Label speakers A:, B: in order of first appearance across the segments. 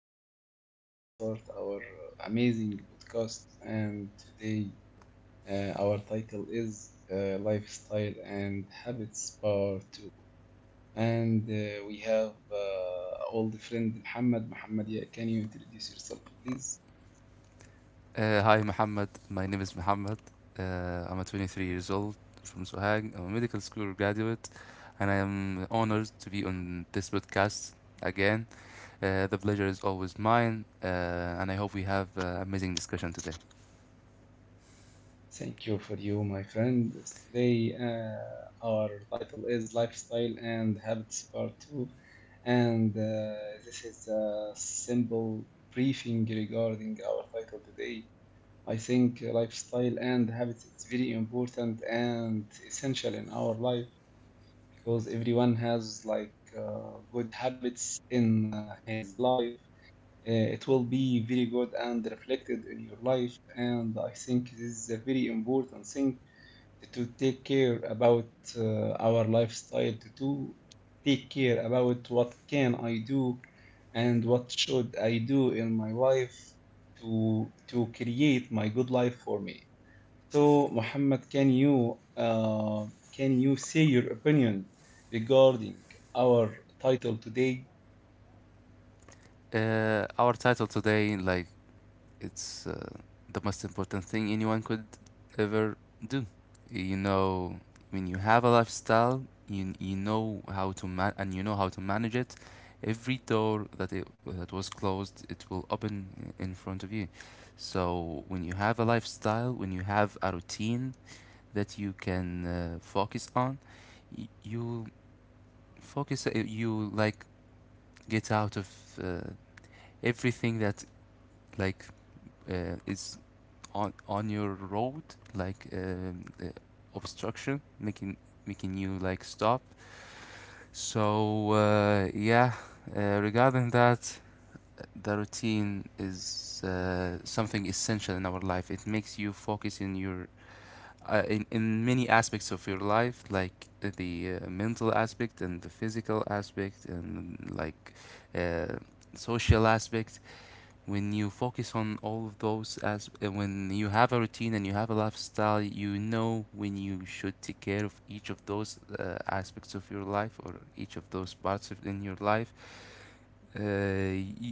A: Today we're gonna start our amazing podcast, and today our title is Lifestyle and Habits Part 2. And we have old friend Muhammad. Muhammad, yeah, can you introduce yourself, please?
B: Hi, Muhammad. My name is Muhammad. I'm a 23 years old from Sohag. I'm a medical school graduate, and I am honored to be on this podcast again. The pleasure is always mine, and I hope we have amazing discussion today.
A: Thank you for you, my friend. Today our title is Lifestyle and Habits Part 2, and this is a simple briefing regarding our title today. I think lifestyle and habits, it's very important and essential in our life because everyone has like good habits in his life. It will be very good and reflected in your life, and I think this is a very important thing to take care about our lifestyle, take care about what can I do and what should I do in my life to create my good life for me. So, Muhammad, can you say your opinion regarding our title today?
B: Our title today, like it's the most important thing anyone could ever do. You know, when you have a lifestyle, you know how to man and you know how to manage it. Every door that was closed, it will open in front of you. So when you have a lifestyle, when you have a routine that you can focus on, you focus. You like get out of uh, everything that like is on your road like obstruction making you like stop, so yeah, regarding that, the routine is something essential in our life. It makes you focus in your in many aspects of your life like the mental aspect and the physical aspect and like uh, social aspect. When you focus on all of those as when you have a routine and you have a lifestyle, you know when you should take care of each of those aspects of your life or each of those parts of in your life. uh,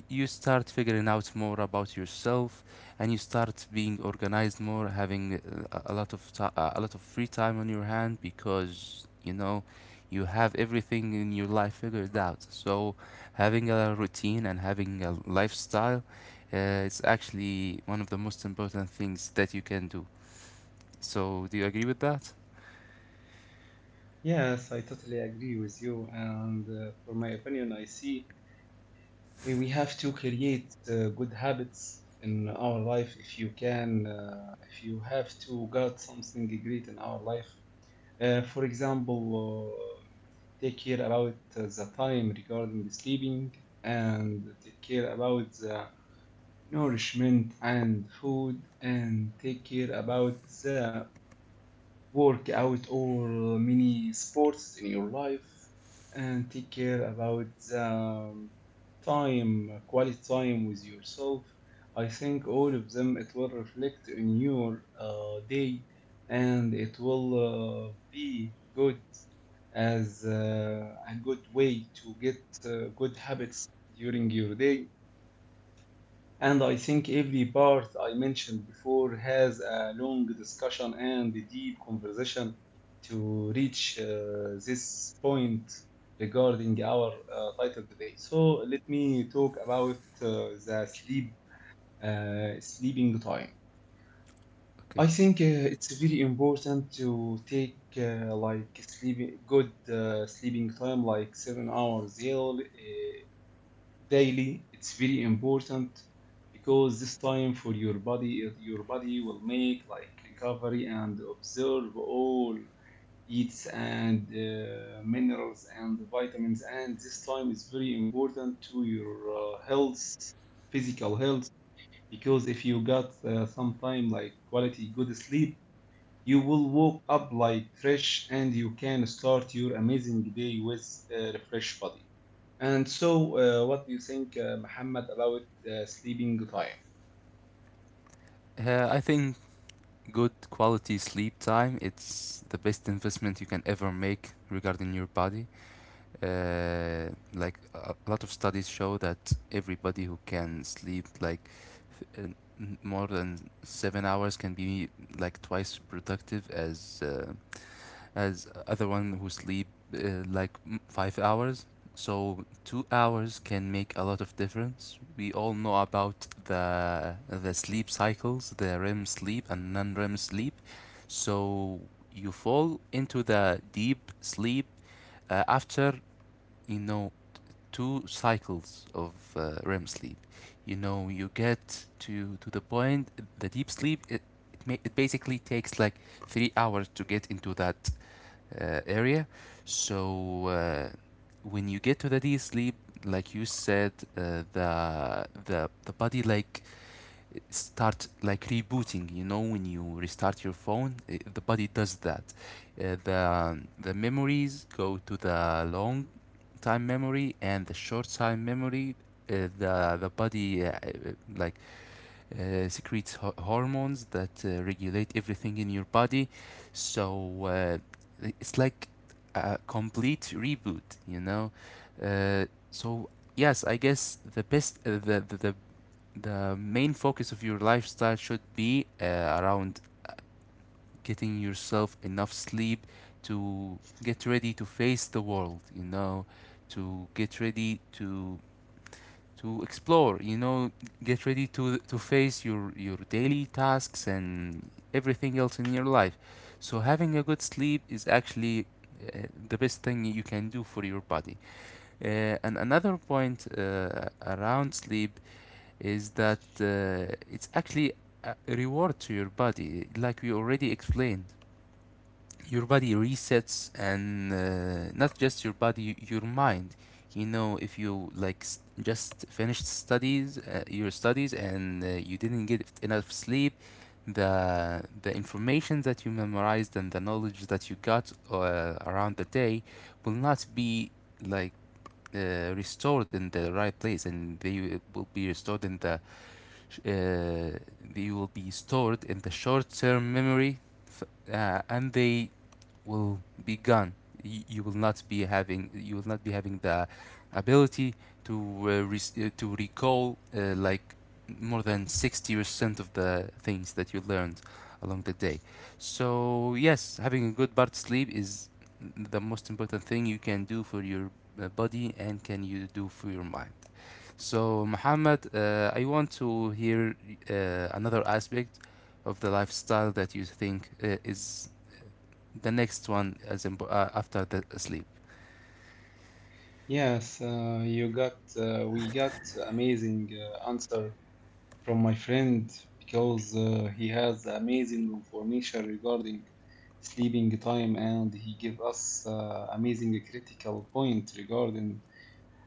B: you start figuring out more about yourself and you start being organized more, having a a lot of a lot of free time on your hand, because you know you have everything in your life figured out. So having a routine and having a lifestyle, it's actually one of the most important things that you can do. So do you agree with that?
A: Yes, I totally agree with you. And for my opinion, I see we have to create good habits in our life. If you can, if you have to get something great in our life, for example, uh, take care about the time regarding sleeping, and take care about the nourishment and food, and take care about the workout or mini sports in your life, and take care about the time, quality time with yourself. I think all of them, it will reflect in your day, and it will be good as a good way to get good habits during your day. And I think every part I mentioned before has a long discussion and a deep conversation to reach this point regarding our title today. So let me talk about the sleep, sleeping time.
B: Okay.
A: I think it's very important to take like sleeping good sleeping time, like 7 hours daily, daily. It's very important because this time for your body, your body will make like recovery and observe all eats and minerals and vitamins. And this time is very important to your health, physical health, because if you got some time like quality good sleep, you will woke up like fresh and you can start your amazing day with a refreshed body. And so, what do you think, Muhammad, about sleeping time?
B: I think good quality sleep time, it's the best investment you can ever make regarding your body. uh, like a lot of studies show that everybody who can sleep like uh, more than 7 hours can be like twice productive as other one who sleep 5 hours. So 2 hours can make a lot of difference. We all know about the sleep cycles, the REM sleep and non-REM sleep. So you fall into the deep sleep after you know two cycles of REM sleep. You know you get to the point, the deep sleep it it basically takes like 3 hours to get into that area. So when you get to the deep sleep, like you said, the body like start like rebooting. You know, when you restart your phone, I the body does that. The memories go to the long time memory and the short time memory. Uh, the the body like secretes hormones that regulate everything in your body. So uh, it's like a complete reboot, you know. Uh, so yes, I guess the best the main focus of your lifestyle should be around uh, getting yourself enough sleep to get ready to face the world, you know, to get ready to explore, you know, get ready to face your daily tasks and everything else in your life. So having a good sleep is actually uh, the best thing you can do for your body. And another point around sleep is that it's actually a reward to your body, like we already explained. Your body resets, and not just your body, your mind. You know, if you like s just finished studies, your studies, and you didn't get enough sleep, the the information that you memorized and the knowledge that you got around the day will not be like restored in the right place, and they will be restored in the uh, they will be stored in the short-term memory, f- and they will be gone. You will not be having the ability to to recall like more than 60% of the things that you learned along the day. So yes, having a good part sleep is the most important thing you can do for your body and can you do for your mind. So, Muhammad, I want to hear another aspect of the lifestyle that you think is the next one as after the sleep.
A: Yes, you got we got amazing answer from my friend because he has amazing information regarding sleeping time, and he gave us amazing critical point regarding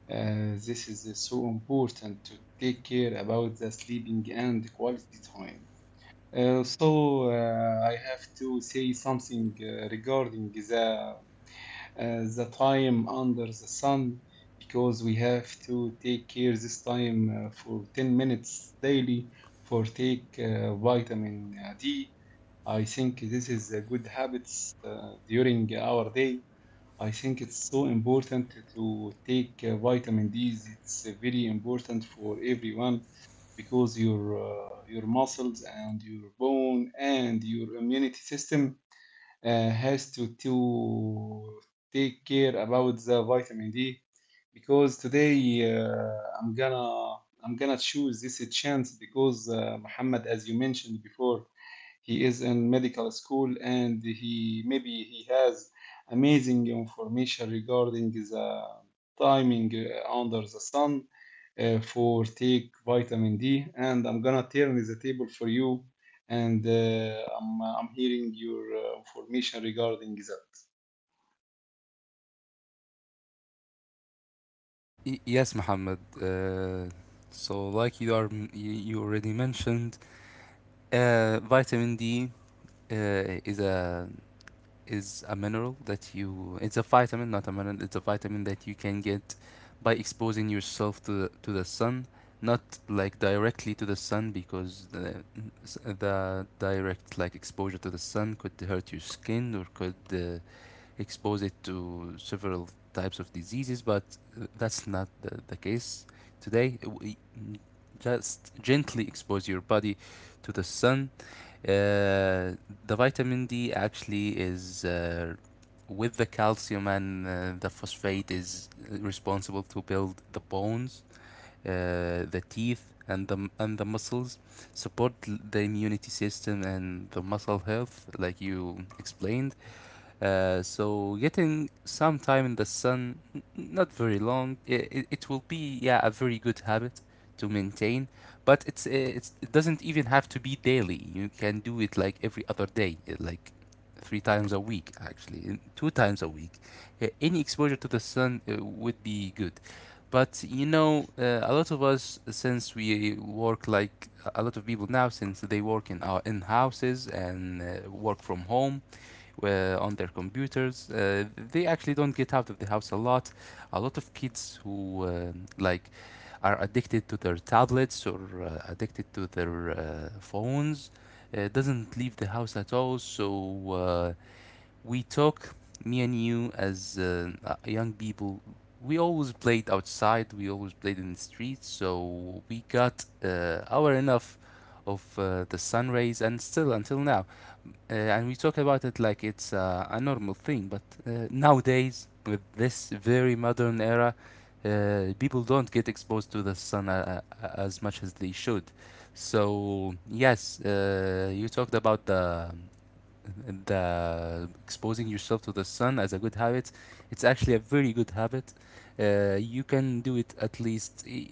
A: this is so important to take care about the sleeping and quality time. So I have to say something regarding the time under the sun, because we have to take care this time for 10 minutes daily for take vitamin D. I think this is a good habits during our day. I think it's so important to take vitamin D's. It's very important for everyone because your muscles and your bone and your immunity system has to take care about the vitamin D, because today uh, I'm gonna I'm gonna choose this chance because Muhammad, as you mentioned before, he is in medical school and he maybe he has amazing information regarding the timing under the sun for take vitamin D. And I'm gonna turn the table for you, and I'm hearing your information regarding that.
B: Yes, Muhammad. Like you are, you already mentioned, vitamin D uh, is a is a mineral that you it's a vitamin not a mineral, it's a vitamin that you can get by exposing yourself to to the sun, not like directly to the sun, because the direct like exposure to the sun could hurt your skin or could expose it to several types of diseases, but that's not the case today. We just gently expose your body to the sun. Uh, the vitamin D actually is with the calcium and the phosphate is responsible to build the bones, the teeth, and the muscles. Support the immunity system and the muscle health, like you explained. So getting some time in the sun, not very long, it will be yeah a very good habit to maintain. But it's it doesn't even have to be daily. You can do it like every other day, like three times a week actually, and two times a week. Any exposure to the sun would be good. But you know, a lot of us, since we work like a lot of people now, since they work in our in houses and work from home, on their computers. They actually don't get out of the house a lot. A lot of kids who like are addicted to their tablets or addicted to their phones doesn't leave the house at all. So uh, we talk, me and you, as young people. We always played outside. We always played in the streets. So we got our enough of the sun rays, and still until now, and we talk about it like it's a normal thing. But nowadays, with this very modern era, people don't get exposed to the sun as much as they should. So yes, you talked about the exposing yourself to the sun as a good habit. It's actually a very good habit. You can do it at least.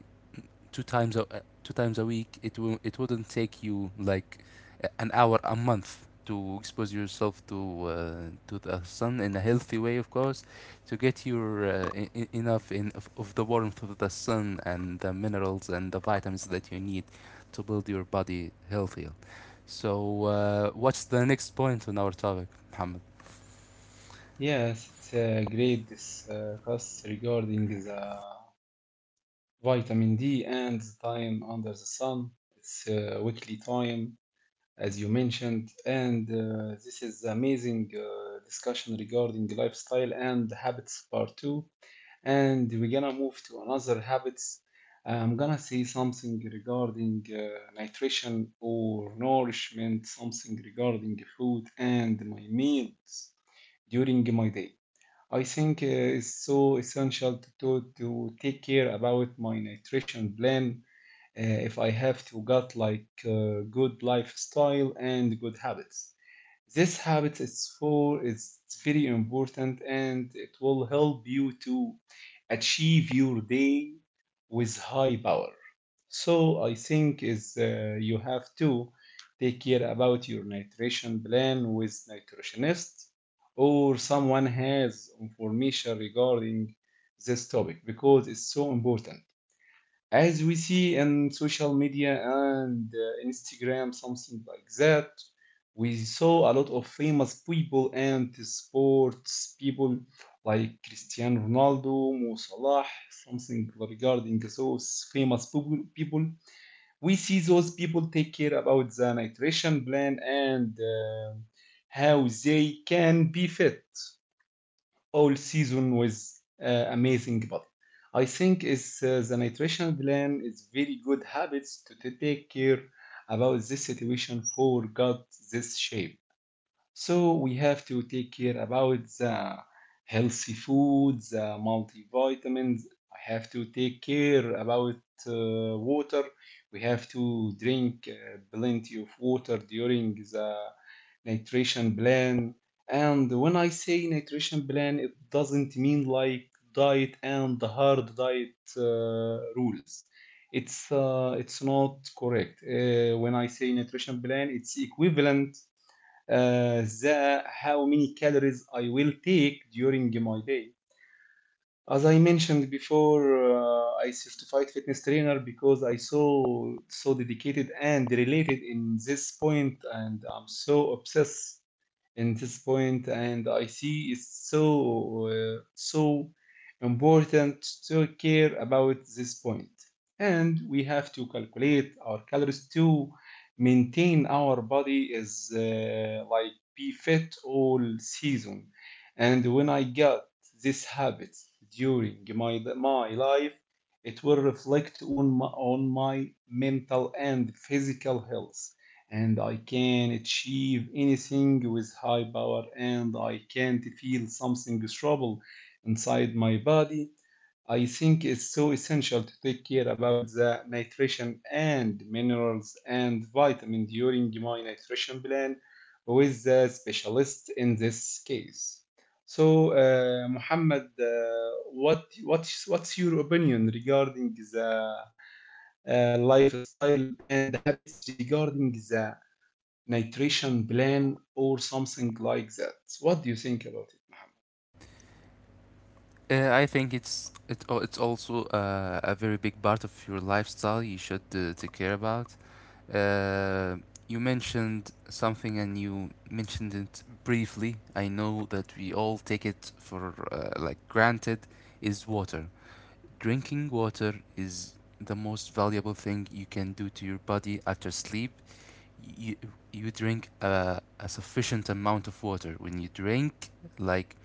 B: Two times a two times a week, it will it wouldn't take you like an hour a month to expose yourself to the sun in a healthy way, of course, to get your enough in of the warmth of the sun and the minerals and the vitamins that you need to build your body healthier. So, what's the next point on our topic, Mohammed?
A: Yes, it's a great discuss regarding the vitamin D and the time under the sun. It's weekly time, as you mentioned, and this is amazing discussion regarding lifestyle and habits part two. And we're gonna move to another habits. I'm gonna say something regarding nutrition or nourishment, something regarding food and my meals during my day. I think it's so essential to take care about my nutrition plan if I have to got like good lifestyle and good habits. This habit is for it's very important and it will help you to achieve your day with high power. So I think is you have to take care about your nutrition plan with nutritionist or someone has information regarding this topic, because it's so important as we see in social media and Instagram, something like that. We saw a lot of famous people and sports people like Cristiano Ronaldo, Mo Salah, something regarding those famous people. We see those people take care about the nutrition plan and how they can be fit all season with amazing body. I think it's the nutritional plan is very good habits to take care about this situation for got this shape. So we have to take care about the healthy foods, the multivitamins. I have to take care about water. We have to drink plenty of water during the nutrition plan. And when I say nutrition plan, it doesn't mean like diet and the hard diet rules. It's not correct. When I say nutrition plan, it's equivalent the how many calories I will take during my day. As I mentioned before, I certified fitness trainer because I so dedicated and related in this point, and I'm so obsessed in this point, and I see it's so so important to care about this point. And we have to calculate our calories to maintain our body as like be fit all season. And when I got this habit during my life, it will reflect on on my mental and physical health, and I can achieve anything with high power, and I can't feel something trouble inside my body. I think it's so essential to take care about the nutrition and minerals and vitamin during my nutrition plan with the specialist in this case. So, Muhammad, what's your opinion regarding the lifestyle and habits regarding the nutrition plan or something like that. What do you think about it?
B: I think it's also a very big part of your lifestyle you should take care about. Uh, you mentioned something and you mentioned it briefly. I know that we all take it for like granted, is water. Drinking water is the most valuable thing you can do to your body after sleep. You you drink a sufficient amount of water. When you drink like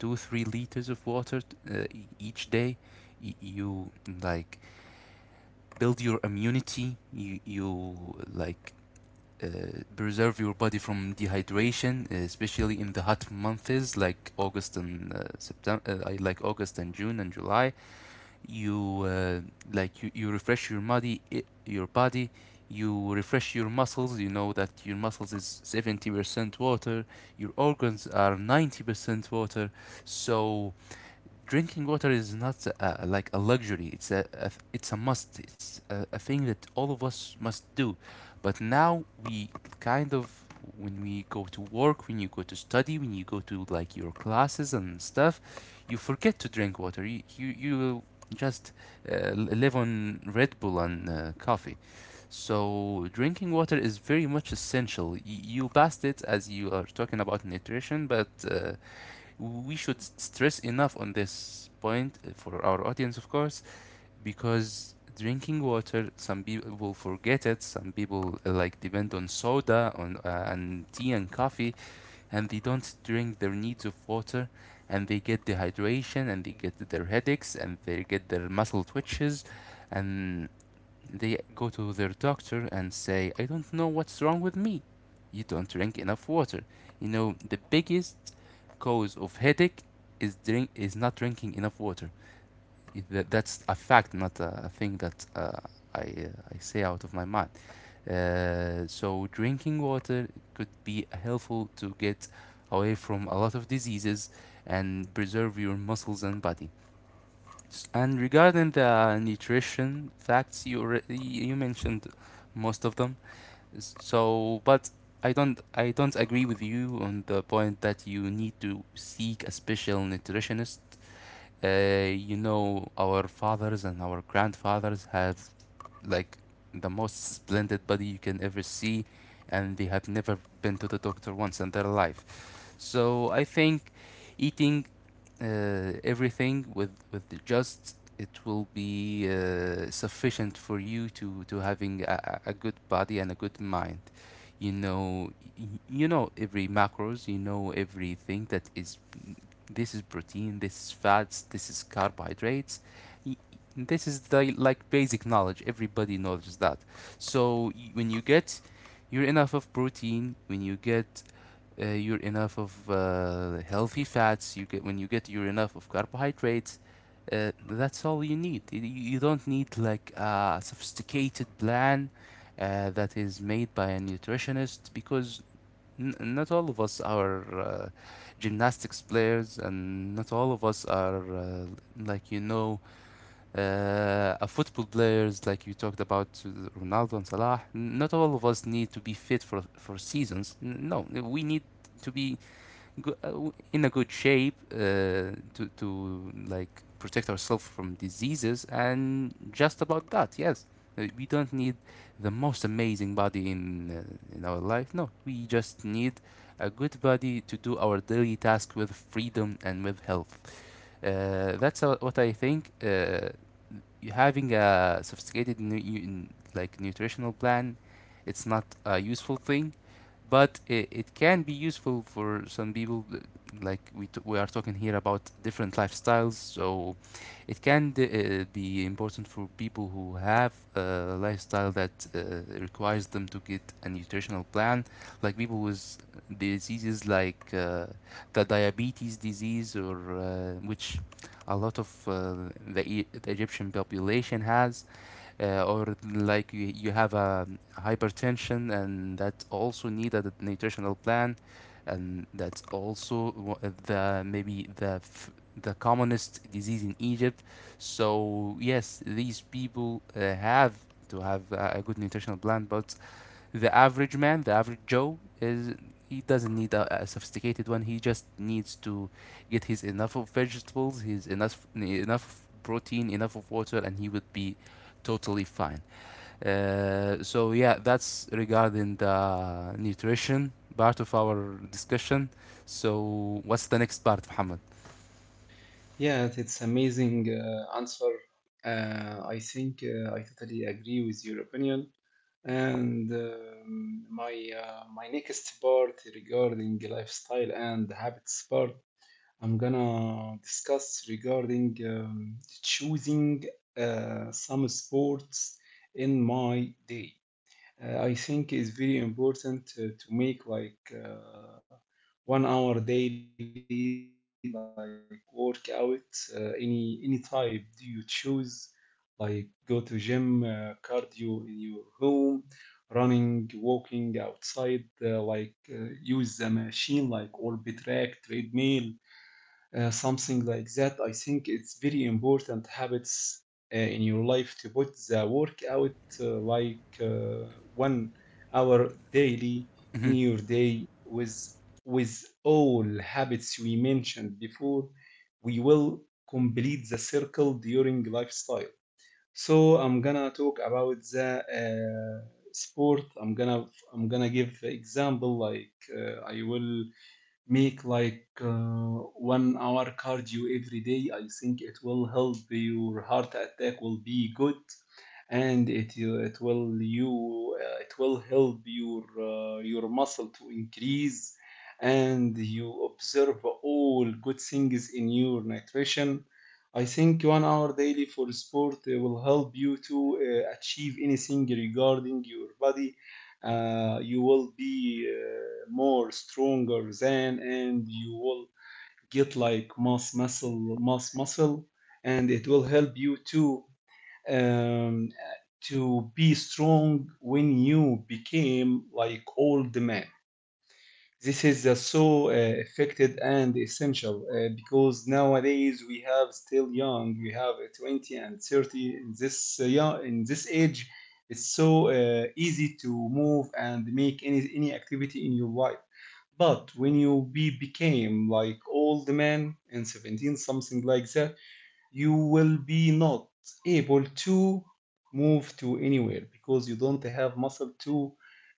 B: 2 3 liters of water each day, you like build your immunity. You like uh, preserve your body from dehydration, especially in the hot months like August and September, I like August and June and July. You like you refresh your body, your body. You refresh your muscles. You know that your muscles is 70% water. Your organs are 90% water. So drinking water is not like a luxury. It's a it's a must. It's a thing that all of us must do. But now we kind of, when we go to work, when you go to study, when you go to like your classes and stuff, you forget to drink water. You just uh, live on Red Bull and coffee. So drinking water is very much essential. You passed it as you are talking about nutrition, but we should stress enough on this point for our audience, of course, because drinking water, some people forget it, some people like depend on soda on and tea and coffee, and they don't drink their needs of water, and they get dehydration, and they get their headaches, and they get their muscle twitches, and they go to their doctor and say, I don't know what's wrong with me. You don't drink enough water. You know, the biggest cause of headache is not drinking enough water. That's a fact, not a thing that I say out of my mind. So drinking water could be helpful to get away from a lot of diseases and preserve your muscles and body. And regarding the nutrition facts, you already you mentioned most of them. So, but I don't agree with you on the point that you need to seek a special nutritionist. Our fathers and our grandfathers have like the most splendid body you can ever see, and they have never been to the doctor once in their life. So I think eating everything with the just it will be sufficient for you to having a good body and a good mind. You know, you know every macros. You know everything that is. This is protein. This is fats. This is carbohydrates. Y- This is the like basic knowledge. Everybody knows that. So when you get your enough of protein, when you get your enough of healthy fats you get when you get your enough of carbohydrates, that's all you need. You don't need like a sophisticated plan that is made by a nutritionist, because not all of us are gymnastics players, and not all of us are like a football players like you talked about, Ronaldo and Salah. Not all of us need to be fit for seasons. No, we need to be uh, in a good shape to like protect ourselves from diseases, and just about that, yes. We don't need the most amazing body in, in our life. No, we just need a good body to do our daily task with freedom and with health. That's what I think. uh, you having a sophisticated like nutritional plan, it's not a useful thing, but it can be useful for some people, like we are talking here about different lifestyles. So it can be important for people who have a lifestyle that requires them to get a nutritional plan, like people with diseases like the diabetes disease, or which a lot of the Egyptian population has, or like you have a hypertension, and that also need a nutritional plan, and that's also wha- the maybe the f- the commonest disease in Egypt. So yes, these people have to have a good nutritional plan, but the average man, the average Joe, is he doesn't need a sophisticated one. He just needs to get his enough of vegetables, his enough protein, enough of water, and he would be totally fine. So yeah, that's regarding the nutrition part of our discussion. So what's the next part, Muhammad?
A: Yeah, it's amazing answer. I think I totally agree with your opinion. And my my next part regarding lifestyle and habits part, I'm gonna discuss regarding choosing some sports in my day. I think it's very important to make like 1 hour daily like workout. Any type do you choose? Like go to gym, cardio in your home, running, walking outside. Like use a machine like Orbit Rack, treadmill, something like that. I think it's very important habits in your life to put the workout like 1 hour daily in
B: Mhm.
A: your day with all habits we mentioned before. We will complete the circle during lifestyle. So I'm gonna talk about the sport. I'm gonna give example like I will make like 1 hour cardio every day. I think it will help your heart attack will be good, and it will help your muscle to increase, and you observe all good things in your nutrition. I think 1 hour daily for sport will help you to achieve anything regarding your body. You will be more stronger than, and you will get like mass muscle, and it will help you um, to be strong when you became like old man. This is so effective and essential because nowadays we have still young, we have 20 and 30 in this in this age. It's so easy to move and make any activity in your life. But when you be became like old man and 17 something like that, you will be not able to move to anywhere because you don't have muscle to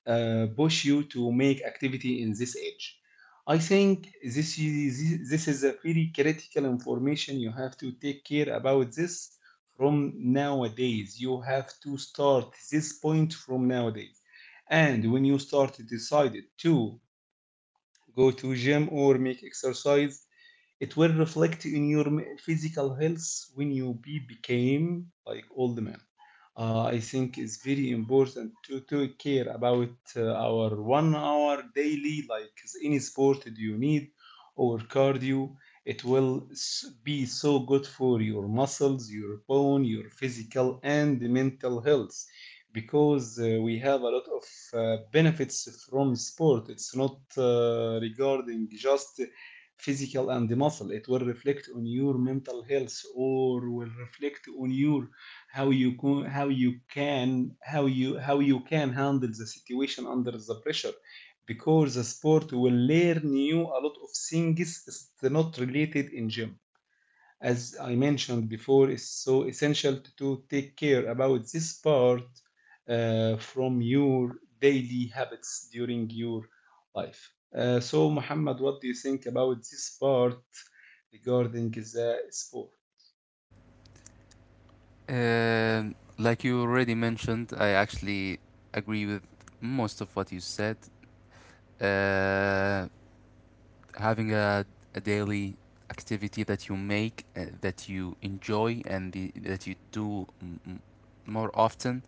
A: push you to make activity in this age. I think this is a very critical information. You have to take care about this from nowadays. You have to start this point from nowadays. And when you start decided to go to gym or make exercise, it will reflect in your physical health when you be became like old man. I think it's very important to care about our 1 hour daily, like any sport that you need or cardio. It will be so good for your muscles, your bone, your physical and mental health, because we have a lot of benefits from sport. It's not regarding just physical and the muscle. It will reflect on your mental health or will reflect on your how you can handle the situation under the pressure, because the sport will learn you a lot of things. It's not related in gym. As I mentioned before, is so essential to take care about this part from your daily habits during your life. So, Muhammad, what do you think about this part regarding the sport?
B: Like you already mentioned, I actually agree with most of what you said. Uh, Having a daily activity that you make, that you enjoy, that you do more often,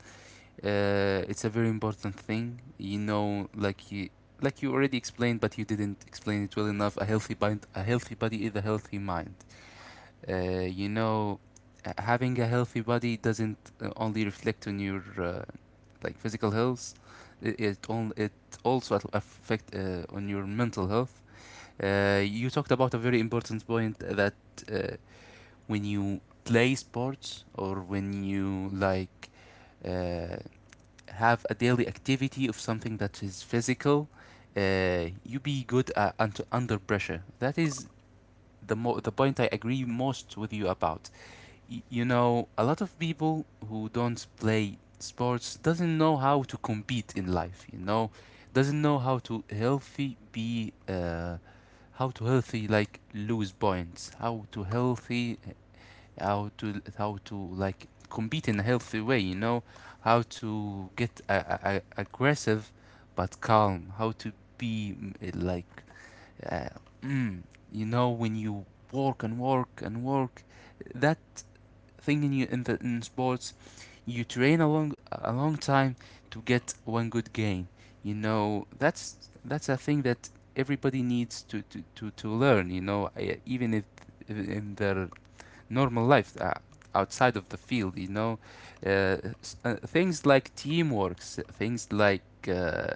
B: it's a very important thing. You know, like you already explained, but you didn't explain it well enough. A healthy mind, a healthy body is a healthy mind. uh, you know Having a healthy body doesn't only reflect on your, like, physical health. It also affect, on your mental health. You talked about a very important point, that uh, when you play sports, or when you like uh, have a daily activity of something that is physical, you be good under pressure. That is the point I agree most with you about. You know, a lot of people who don't play sports doesn't know how to compete in life. You know, doesn't know how to healthy be. How to healthy like lose points, how to healthy, how to like compete in a healthy way, you know, how to get aggressive but calm, how to be, like, uh, mm, you know, when you work and work and work, that thing in you, in sports, you train a long time to get one good game. You know, that's a thing that everybody needs to learn. You know, even if in their normal life. Outside of the field, you know, things like teamworks, things like, uh,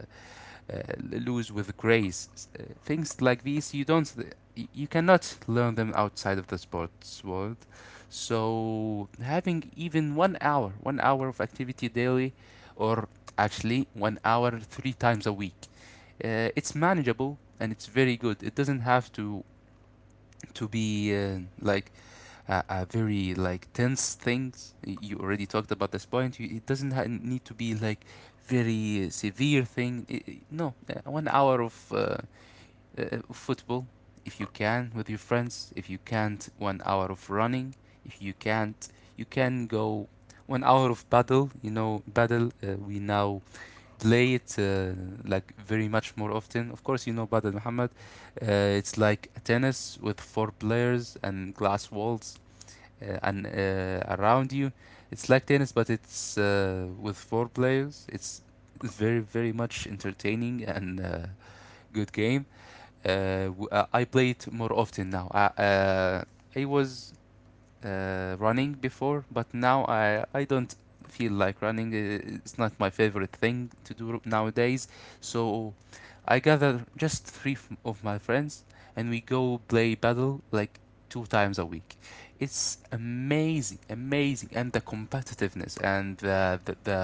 B: lose with grace. Things like these, you cannot learn them outside of the sports world. So having even 1 hour, 1 hour of activity daily, or actually 1 hour three times a week, it's manageable and it's very good. It doesn't have to be, like, very like tense things. You already talked about this point. It doesn't need to be like very severe thing. No, 1 hour of, football, if you can, with your friends. If you can't, 1 hour of running. If you can't, you can go 1 hour of paddle. You know, paddle. We now play it, like, very much more often. Of course, you know paddle, Muhammad. It's like a tennis with four players and glass walls, and, around you. It's like tennis, but it's, with four players. It's very very much entertaining, and, good game. I play it more often now. I was, running before, but now I don't feel like running. It's not my favorite thing to do nowadays. So I gather just three of my friends, and we go play battle like two times a week. It's amazing, amazing, and the competitiveness, and the the the,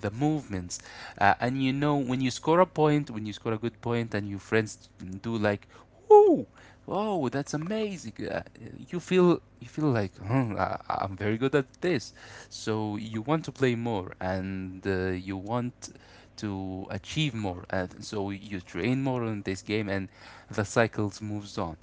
B: the movements, and you know, when you score a point, when you score a good point, and your friends do like, woo, oh that's amazing, you feel like, hmm, I'm very good at this, so you want to play more, and, you want to achieve more, and so you train more on this game, and the cycles moves on.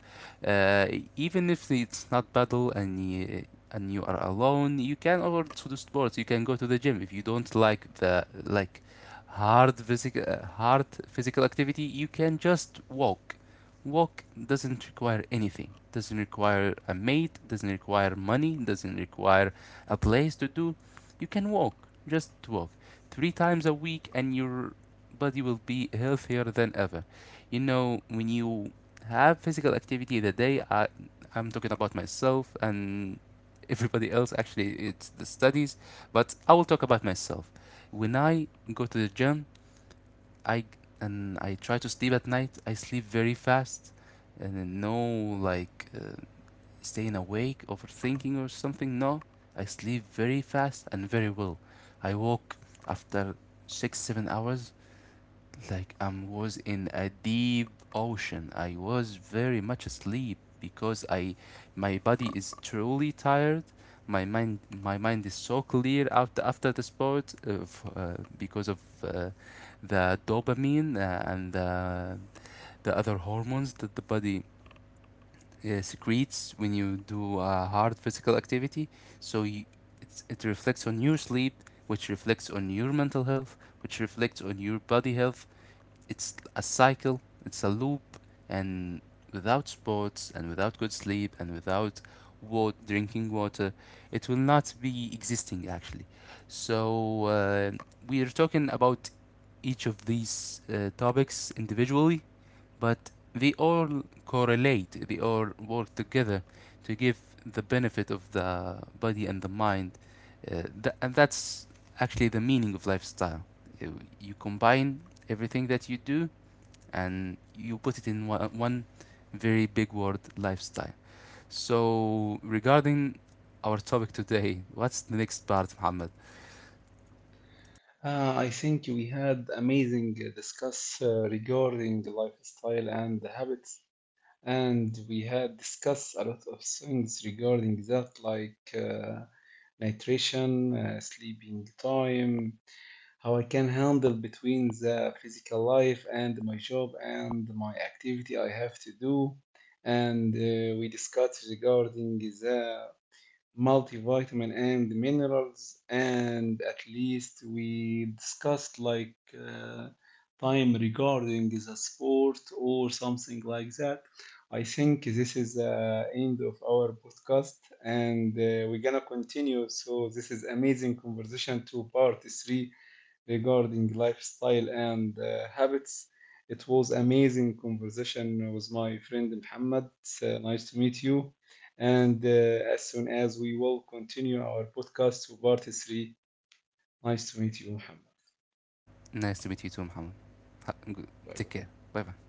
B: uh, Even if it's not battle, and you are alone, you can over to the sports, you can go to the gym. If you don't like the like hard physical hard physical activity, you can just walk. Walk doesn't require anything, doesn't require a mate, doesn't require money, doesn't require a place to do. You can walk, just walk three times a week, and your body will be healthier than ever. You know, when you have physical activity in the day, I'm talking about myself and everybody else, actually it's the studies, but I will talk about myself. When I go to the gym, I and I try to sleep at night. I sleep very fast, and then no like uh, staying awake, overthinking or something. No, I sleep very fast and very well. I woke after 6, 7 hours, like I was in a deep ocean. I was very much asleep, because I my body is truly tired. My mind is so clear after the sport, because of, the dopamine, and the other hormones that the body, secretes when you do, hard physical activity. So it reflects on your sleep, which reflects on your mental health, which reflects on your body health. It's a cycle, it's a loop, and without sports and without good sleep and without water, drinking water, it will not be existing actually. So we are talking about each of these, topics individually, but they all correlate, they all work together to give the benefit of the body and the mind. And that's actually the meaning of lifestyle. Uh, You combine everything that you do, and you put it in one very big word, lifestyle. So regarding our topic today, what's the next part, Muhammad?
A: I think we had amazing discuss regarding the lifestyle and the habits, and we had discussed a lot of things regarding that, like nutrition, sleeping time, how I can handle between the physical life and my job and my activity I have to do. And we discussed regarding the multivitamin and minerals, and at least we discussed like time regarding the sport or something like that. I think this is the end of our podcast, and we're gonna continue. So this is amazing conversation to part three regarding lifestyle and habits. It was amazing conversation with my friend Muhammad. Nice to meet you. And as soon as we will continue our podcast to part three, nice to meet you, Muhammad.
B: Nice to meet you too, Muhammad. Ha-
A: Bye
B: Take
A: bye.
B: care. Bye bye.